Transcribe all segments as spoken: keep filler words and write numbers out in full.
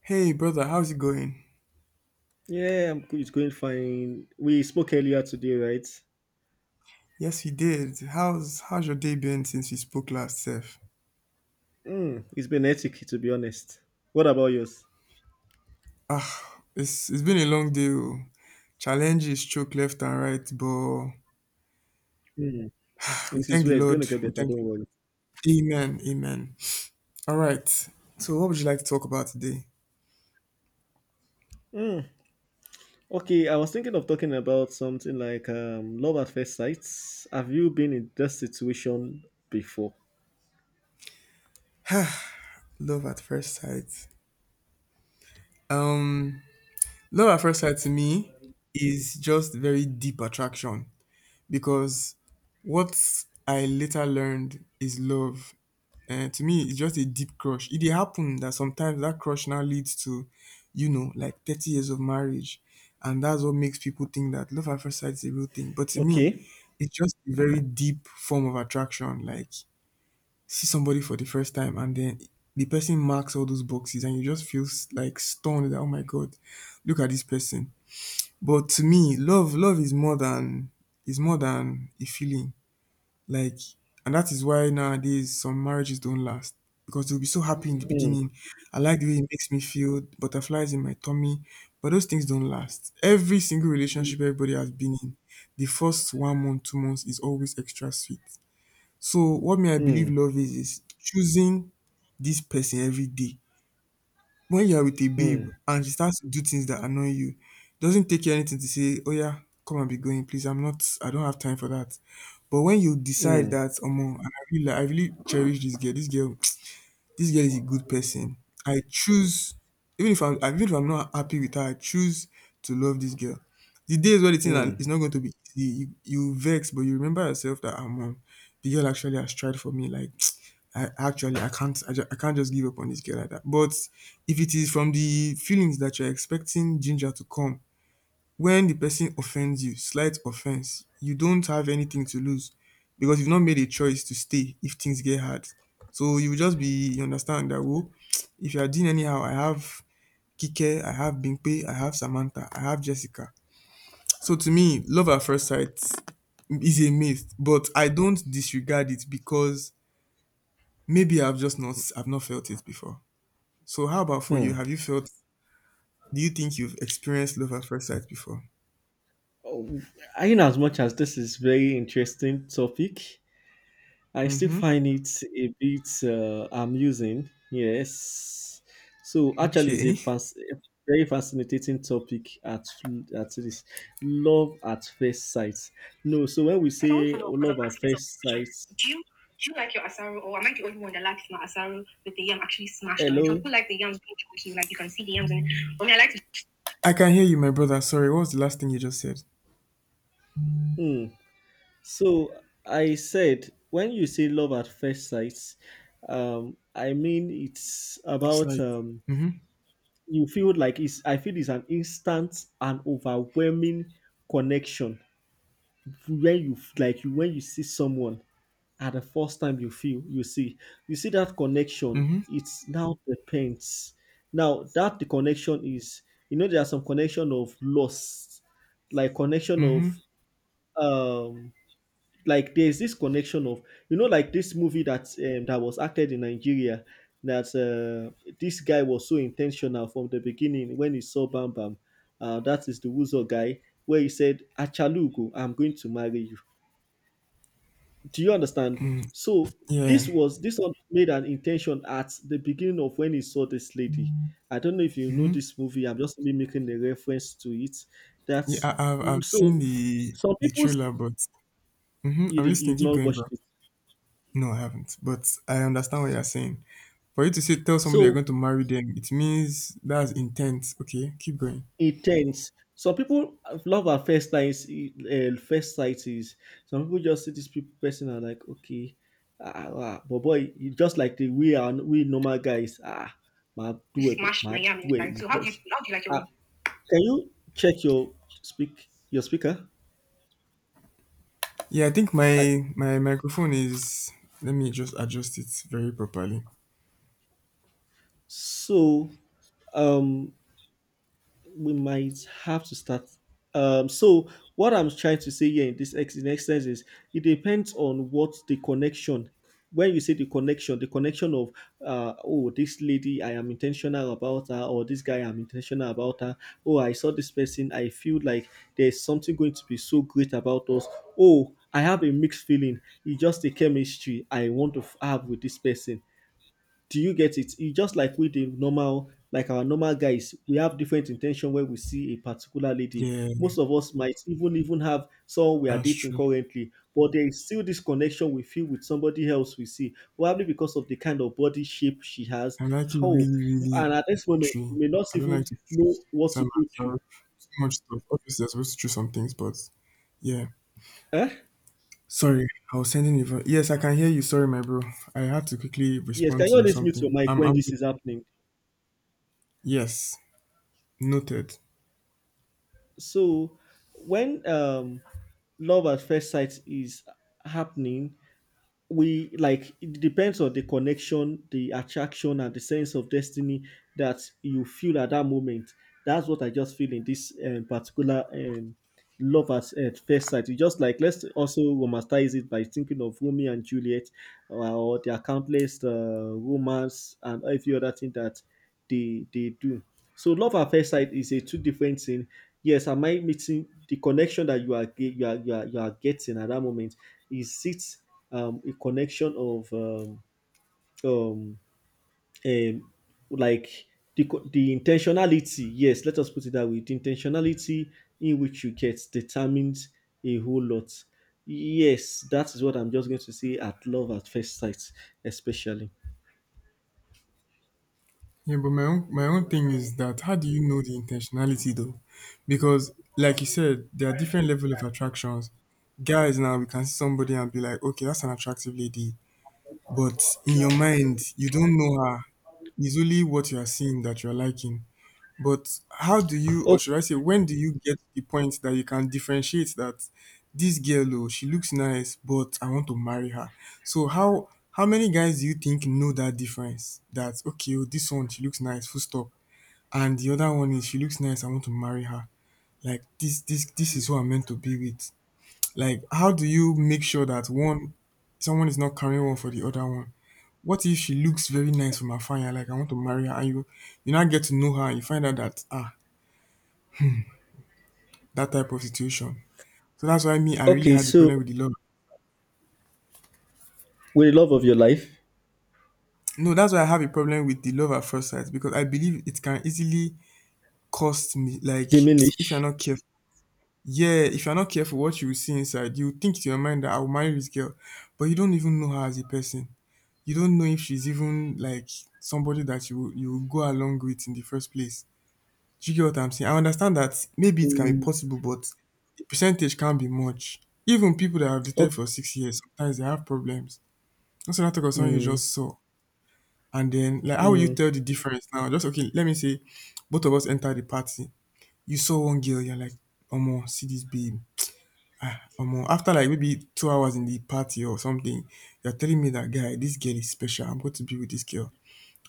Hey brother, how's it going? Yeah, I'm go- it's going fine. We spoke earlier today, right? Yes, we did. How's how's your day been since we spoke last, Seth? Mm, it's been hectic, to be honest. What about yours? It's it's been a long day. Oh. Challenges choke left and right, but Mm, we it is thank the where it's going to Lord. get We better. thank Don't you. worry. Amen. Amen. All right. So, what would you like to talk about today? Mm, okay, I was thinking of talking about something like um, love at first sight. Have you been in that situation before? Love at first sight. Um, Love at first sight to me is just very deep attraction, because what I later learned is love. Um to me, it's just a deep crush. It dey happen that sometimes that crush now leads to, you know like, thirty years of marriage, and that's what makes people think that love at first sight is a real thing. But to me, Okay. it's just a very deep form of attraction. Like, see somebody for the first time, and then the person marks all those boxes and you just feel s- like stunned, that oh my god, look at this person. But to me, love love is more than is more than a feeling, like, and that is why nowadays some marriages don't last, because they'll be so happy in the Mm, beginning. I like the way it makes me feel, butterflies in my tummy, but those things don't last. Every single relationship everybody has been in, the first one month, two months is always extra sweet. So, what may I believe mm, love is is choosing this person every day. When you are with a babe mm, and she starts to do things that annoy you, it doesn't take you anything to say, "Oya, come and be going, please. I'm not. I don't have time for that." But when you decide mm, that, "Omo, I really, like- I really cherish this girl. This girl This girl is a good person. I choose, even if I'm even if I'm not happy with her, I choose to love this girl. The days where the thing are- is mm, not going to be easy, you, you vex, but you remember yourself that I'm um, the girl actually has tried for me. Like I actually I can't I, ju- I can't just give up on this girl like that. But if it is from the feelings that you're expecting Ginger to come, when the person offends you slight offense, you don't have anything to lose, because you've not made a choice to stay if things get hard. So you will just be, you understand that, oh if you are doing anyhow, I have Kike, I have Bimpe, I have Samantha, I have Jessica. So to me, love at first sight is a myth, but I don't disregard it, because maybe I've just not I've not felt it before. So how about for you? mm. Have you felt do you think you've experienced love at first sight before? Oh, I know as much as this is very interesting topic. I still Mm-hmm. find it a bit uh, amusing. Yes. So actually, it's a, Okay. fas- a very fascinating topic at at this love at first sight. No, so when we I don't want to say know, because I love am at asking myself this first question. sight, Do you do you like your asaro, or am I the only one that likes my asaro with the yam actually smashed on it? Some people hello. like the yams being chunky, like you can see the yams in it. For me, I like to I can hear you, my brother. Sorry, what was the last thing you just said? Hmm. So I said when you say love at first sight, um, I mean it's It's about like, um, mm-hmm, you feel like it's. I feel it's an instant and overwhelming connection. When you, like you, when you see someone at the first time, you feel you see you see that connection. mm-hmm, It's now depends now that the connection is, you know there are some connection of loss, like connection mm-hmm. of um like there's this connection of you know like this movie that um, that was acted in Nigeria, that uh, this guy was so intentional from the beginning when he saw Bam Bam, uh, that is the Wuzo guy, where he said, Achalugo, I'm going to marry you. Do you understand? So Yeah, this was this one made an intention at the beginning of when he saw this lady. I don't know if you know mm-hmm. this movie. I'm just only making a reference to it. Yeah, That's I, I've mm, I've so seen the some the people, trailer, but mm-hmm, you I'm did, listening. you've Keep not going, bro. watched it. No, I haven't, but I understand what you're saying. For you to say, tell somebody you're So going to marry them, it means that's intent. Okay, keep going. intense. Some people love at first sight. Uh, first sight is some people just see this pe- person and, like, okay, ah, ah, but boy, you just like the we are we normal guys. Ah, my You doable, smashed my my yam inside. doable. So how do you how do you like your own? Can you check your speak your speaker? Yeah, I think I, my my microphone is. Let me just adjust it very properly. so, um, we might have to start. Um, so what I'm trying to say here in this ex- in exercise is it depends on what the connection. When you say the connection, the connection of uh, oh, this lady I am intentional about her, or this guy I'm intentional about her. Oh, I saw this person, I feel like there's something going to be so great about us. Oh, I have a mixed feeling. It's just the chemistry I want to f- have with this person. Do you get it? It's just like with the normal, like our normal guys, we have different intention when we see a particular lady. Yeah, Most of us might even even have someone we are that's dating true. currently, but there is still this connection we feel with somebody else we see, probably because of the kind of body shape she has. I like it How really, really and at this moment watery. we may not I don't like even to know choose what to some, go to. sorry, too much stuff. Obviously, I'm supposed to choose some things, but yeah. Eh? Sorry, I was sending you. for- Yes, I can hear you. Sorry, my bro. I had to quickly Yes, respond can you to always mute your something. mic Um, when I'm. this is happening? Yes, noted. So when um love at first sight is happening, we like it depends on the connection, the attraction, and the sense of destiny that you feel at that moment. That's what I just feel in this um, particular um, love at, at first sight. You just like, let's also romanticize it by thinking of Romeo and Juliet, uh, or their countless uh, romance and every other thing that they they do. So love at first sight is a two different thing. Yes, am I meeting the connection that you are ge- you are you are, you are getting at that moment? Is it um, a connection of um, um, um, like the, co- the intentionality? Yes, let us put it that way. The intentionality in which you get determines a whole lot. Yes, that is what I'm just going to say at love at first sight, especially. Yeah, but my own my own thing is that, how do you know the intentionality though? Because like you said, there are different level of attractions. Guys now, we can see somebody and be like, okay, that's an attractive lady. But in your mind, you don't know her. It's only what you are seeing that you're liking. But how do you, or O- should I say, when do you get to the point that you can differentiate that, this girl, oh, she looks nice, but I want to marry her? So how how many guys do you think know that difference? That okay, oh, this one she looks nice, full stop, and the other one is, she looks nice, I want to marry her. Like this, this, this is who I'm meant to be with. Like, how do you make sure that one someone is not carrying one for the other one? What if she looks very nice from afar and you're like, I want to marry her, and you you now get to know her and you find out that, ah, that type of situation. So that's why me, I really okay, had the so problem with the love. will the love of your life No, that's why I have a problem with the love at first sight, because I believe it can easily cost me. Like if you're diminish? not careful, yeah, if you're not careful, what you will see inside, you will think to your mind that I will marry this girl, but you don't even know her as a person. You don't know if she's even like somebody that you you will go along with in the first place. Do you get what I'm saying? I understand that maybe it can be Mm. possible, but the percentage can't be much. Even people that have dated o- for six years, sometimes they have problems. That's another topic of someone you mm. just saw. And then, like, how will you Mm. tell the difference now? Just okay, let me say, both of us enter the party. You saw one girl, you're like, Omo, see this babe. Ah, Omo. After like maybe two hours in the party or something, you're telling me that, guy, this girl is special. I'm going to be with this girl.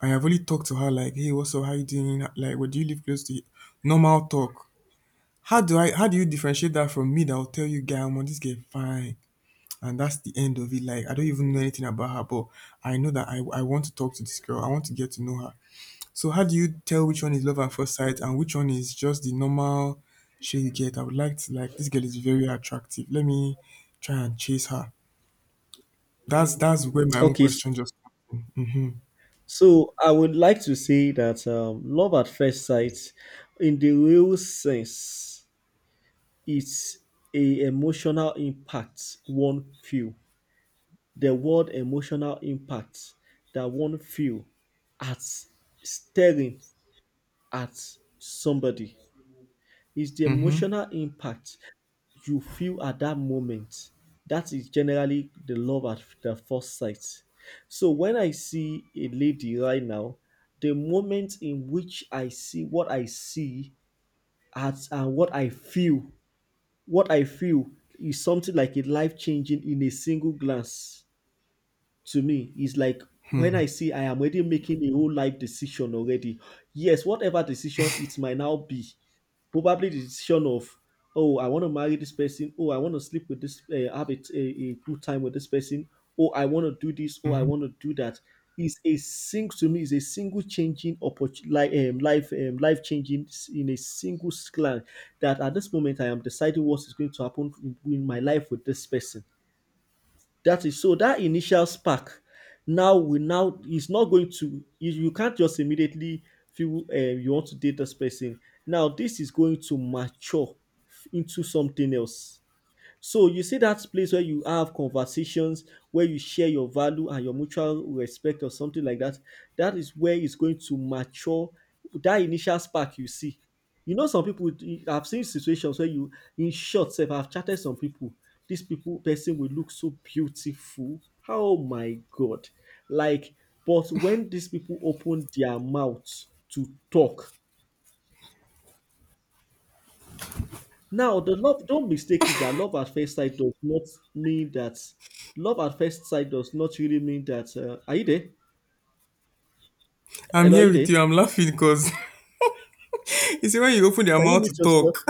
I've only talked to her like, hey, what's up? How you doing? Like, what do you live close to? Normal talk. How do I? How do you differentiate that from me that will tell you, guy, Omo, this girl fine, and that's the end of it. Like, I don't even know anything about her, but I know that i, I want to talk to this girl, I want to get to know her. So how do you tell which one is love at first sight and which one is just the normal shit you get, I would like to, like, this girl is very attractive, let me try and chase her. That's that's where my own Okay, s- question just comes in. Mm-hmm, so I would like to say that um, love at first sight, in the real sense, it's a emotional impact one feel. The word emotional impact that one feel at staring at somebody is the mm-hmm, emotional impact you feel at that moment. That is generally the love at the first sight. So when I see a lady right now, the moment in which I see what I see at and what I feel. What I feel is something like a life changing in a single glance. To me is like when I see, I am already making a whole life decision already. Yes, whatever decision it might now be, probably the decision of, oh, I want to marry this person, oh, I want to sleep with this, uh, have a, a, a good time with this person, oh, I want to do this, oh, I want mm-hmm. to do that. Is a sing to me is a single changing opportunity, like um, life um, life changing s- in a single slant, that at this moment I am deciding what is going to happen in my life with this person. That is so that initial spark now will now is not going to, you, you can't just immediately feel uh, you want to date this person. Now this is going to mature into something else. So you see that place where you have conversations, where you share your value and your mutual respect or something like that. That is where it's going to mature that initial spark you see. You know, some people, I've seen situations where you, in short, self, I've chatted some people. This people person will look so beautiful. Oh my god! Like, but when these people open their mouths to talk. Now, the love, don't mistake it that love at first sight does not mean that love at first sight does not really mean that. Uh, are you there? I'm Hello, are here you there? with you, Can I'm laughing because you see when you open your you mouth to meet yourself? talk.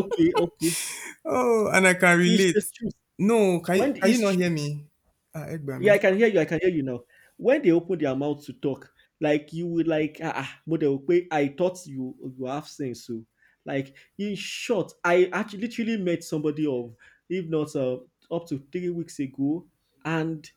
Okay, okay. Oh, and I can It's the relate. truth. No, can you, When can you it's not hear true, me? Ah, yeah, Egbami. I can hear you. I can hear you now. When they open their mouth to talk, like you would like, ah, ah, but they will pay. I thought you you have sense. So, like in short, I actually literally met somebody of, if not uh, up to three weeks ago, and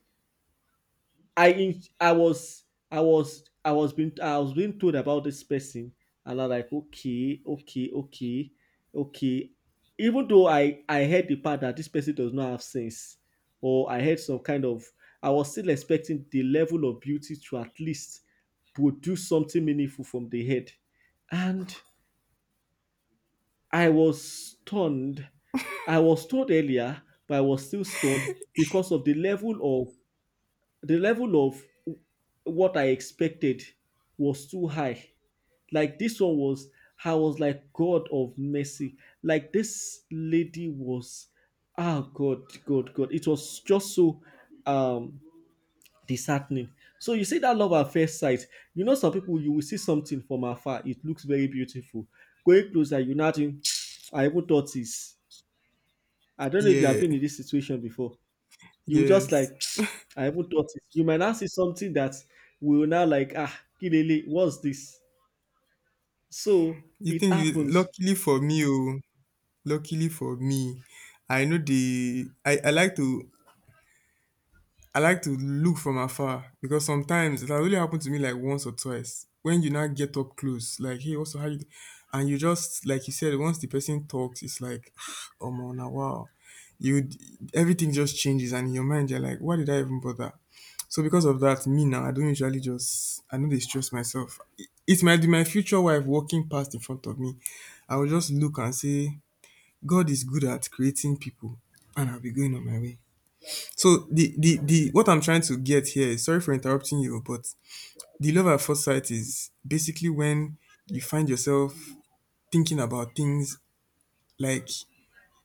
I in, I was I was I was being I was being told about this person, and I'm like okay okay okay okay even though I I heard the part that this person does not have sense, or I heard some kind of, I was still expecting the level of beauty to at least produce something meaningful from the head, and I was stunned. I was told earlier, but I was still stunned because of the level of the level of what I expected was too high. Like this one was, I was like, God of mercy. Like this lady was, ah, God, God, God. It was just so um disheartening. So you see that love at first sight. You know, some people, you will see something from afar. It looks very beautiful. Going closer, you now think, I even thought this. I don't know if you have Yeah. been in this situation before. You will just Yes. like, I haven't thought it. You might now see something that will now like, ah, kilele, what's this? So You it think? Is, happens. luckily for me, oh, luckily for me, I know the. I I like to I like to look from afar, because sometimes it has only happened to me like once or twice. When you now get up close, like, hey, also how you do? And you just, like you said, once the person talks, it's like, oh man, now wow. You Everything just changes, and in your mind you're like, why did I even bother? So because of that, me now, I don't usually just, I know they stress myself. It, it might be my future wife walking past in front of me. I will just look and say, God is good at creating people, and I'll be going on my way. So the the the what I'm trying to get here is, sorry for interrupting you, but the love at first sight is basically when you find yourself thinking about things, like,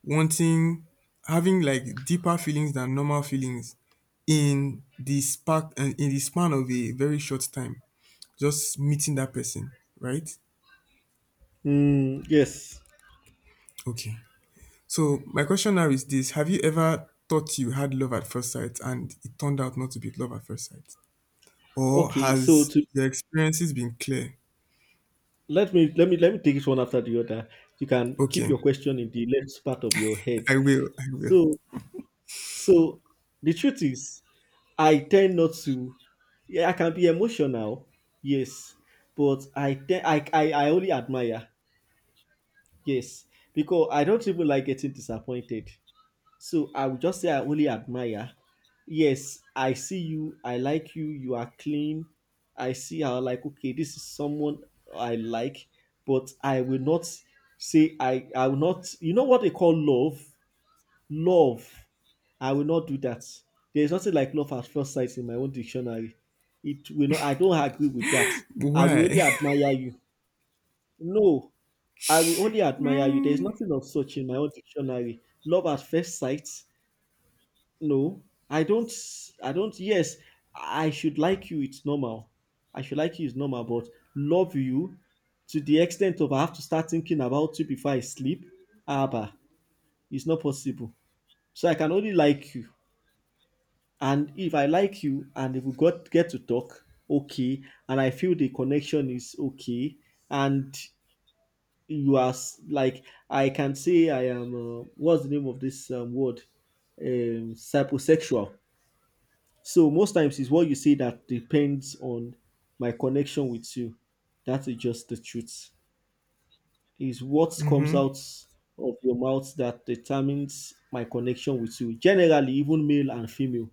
wanting, having like deeper feelings than normal feelings in the spark and in the span of a very short time just meeting that person, right? Mm, yes. Okay, so my question now is this: have you ever thought you had love at first sight and it turned out not to be love at first sight? Or Okay. So has to your experiences been clear? let me let me let me take it one after the other. You can keep Okay, your question in the left part of your head. I will, I will. So so the truth is, I tend not to. Yeah, I can be emotional. Yes, but I te- I, I I only admire. Yes, because I don't even like getting disappointed. So I would just say I only admire. Yes, I see you, I like you, you are clean. I see how, like, okay, this is someone I like, but I will not say I I will not, you know what they call love? Love. I will not do that. There is nothing like love at first sight in my own dictionary. It will not, I don't agree with that. I will Why? only admire you. No, I will only admire you. There is nothing of such in my own dictionary. Love at first sight, no, I don't. I don't. Yes, I should like you. It's normal. I should like you. It's normal. But love you to the extent of I have to start thinking about you before I sleep. Abba, it's not possible. So I can only like you. And if I like you, and if we got get to talk, okay. And I feel the connection is okay. And you are s- like I can say I am. Uh, what's the name of this um, word? Um, psychosexual. So most times it's what you say that depends on my connection with you. That is just the truth. Is what comes Mm-hmm, out of your mouth that determines my connection with you. Generally, even male and female.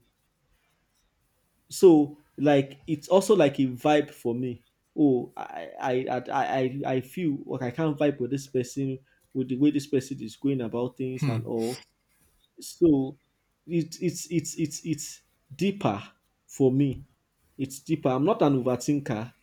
So like it's also like a vibe for me. Oh, I I I I, I feel like I can't vibe with this person with the way this person is going about things and all. So it, it's it's it's it's deeper for me. It's deeper. I'm not an overthinker.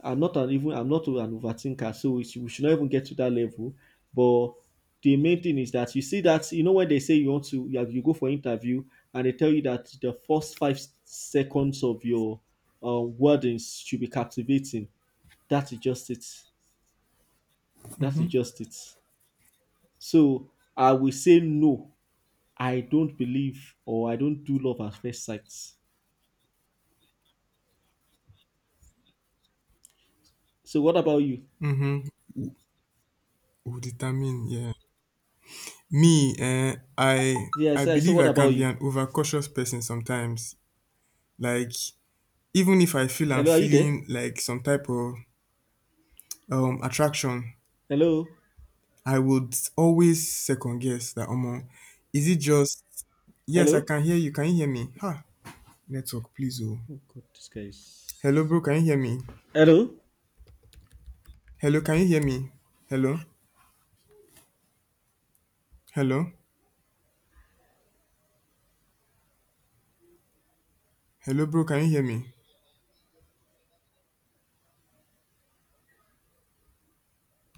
I'm not an even I'm not an overthinker. So we should, we should not even get to that level. But the main thing is that you see that, you know, when they say you want to you, you go for interview and they tell you that the first five s- seconds of your uh, wordings should be captivating. That is just it. That mm-hmm, is just it. So I will say no, I don't believe or I don't do love at first sight. So what about you? mm-hmm. Will determine, yeah. Me, eh, I, Yeah, I I said, I said, believe what I about can be you? an overcautious person sometimes. Like, even if I feel I'm Hello, are you there? feeling like some type of um attraction, Hello? I would always second guess that, um, is it just? Yes, I Hello? can hear you. Can you hear me? Ha, network, please. Oh, Oh God, this guy hello, is... bro. Can you hear me? Hello? Hello, can you hear me? Hello? Hello? Hello, bro, can you hear me?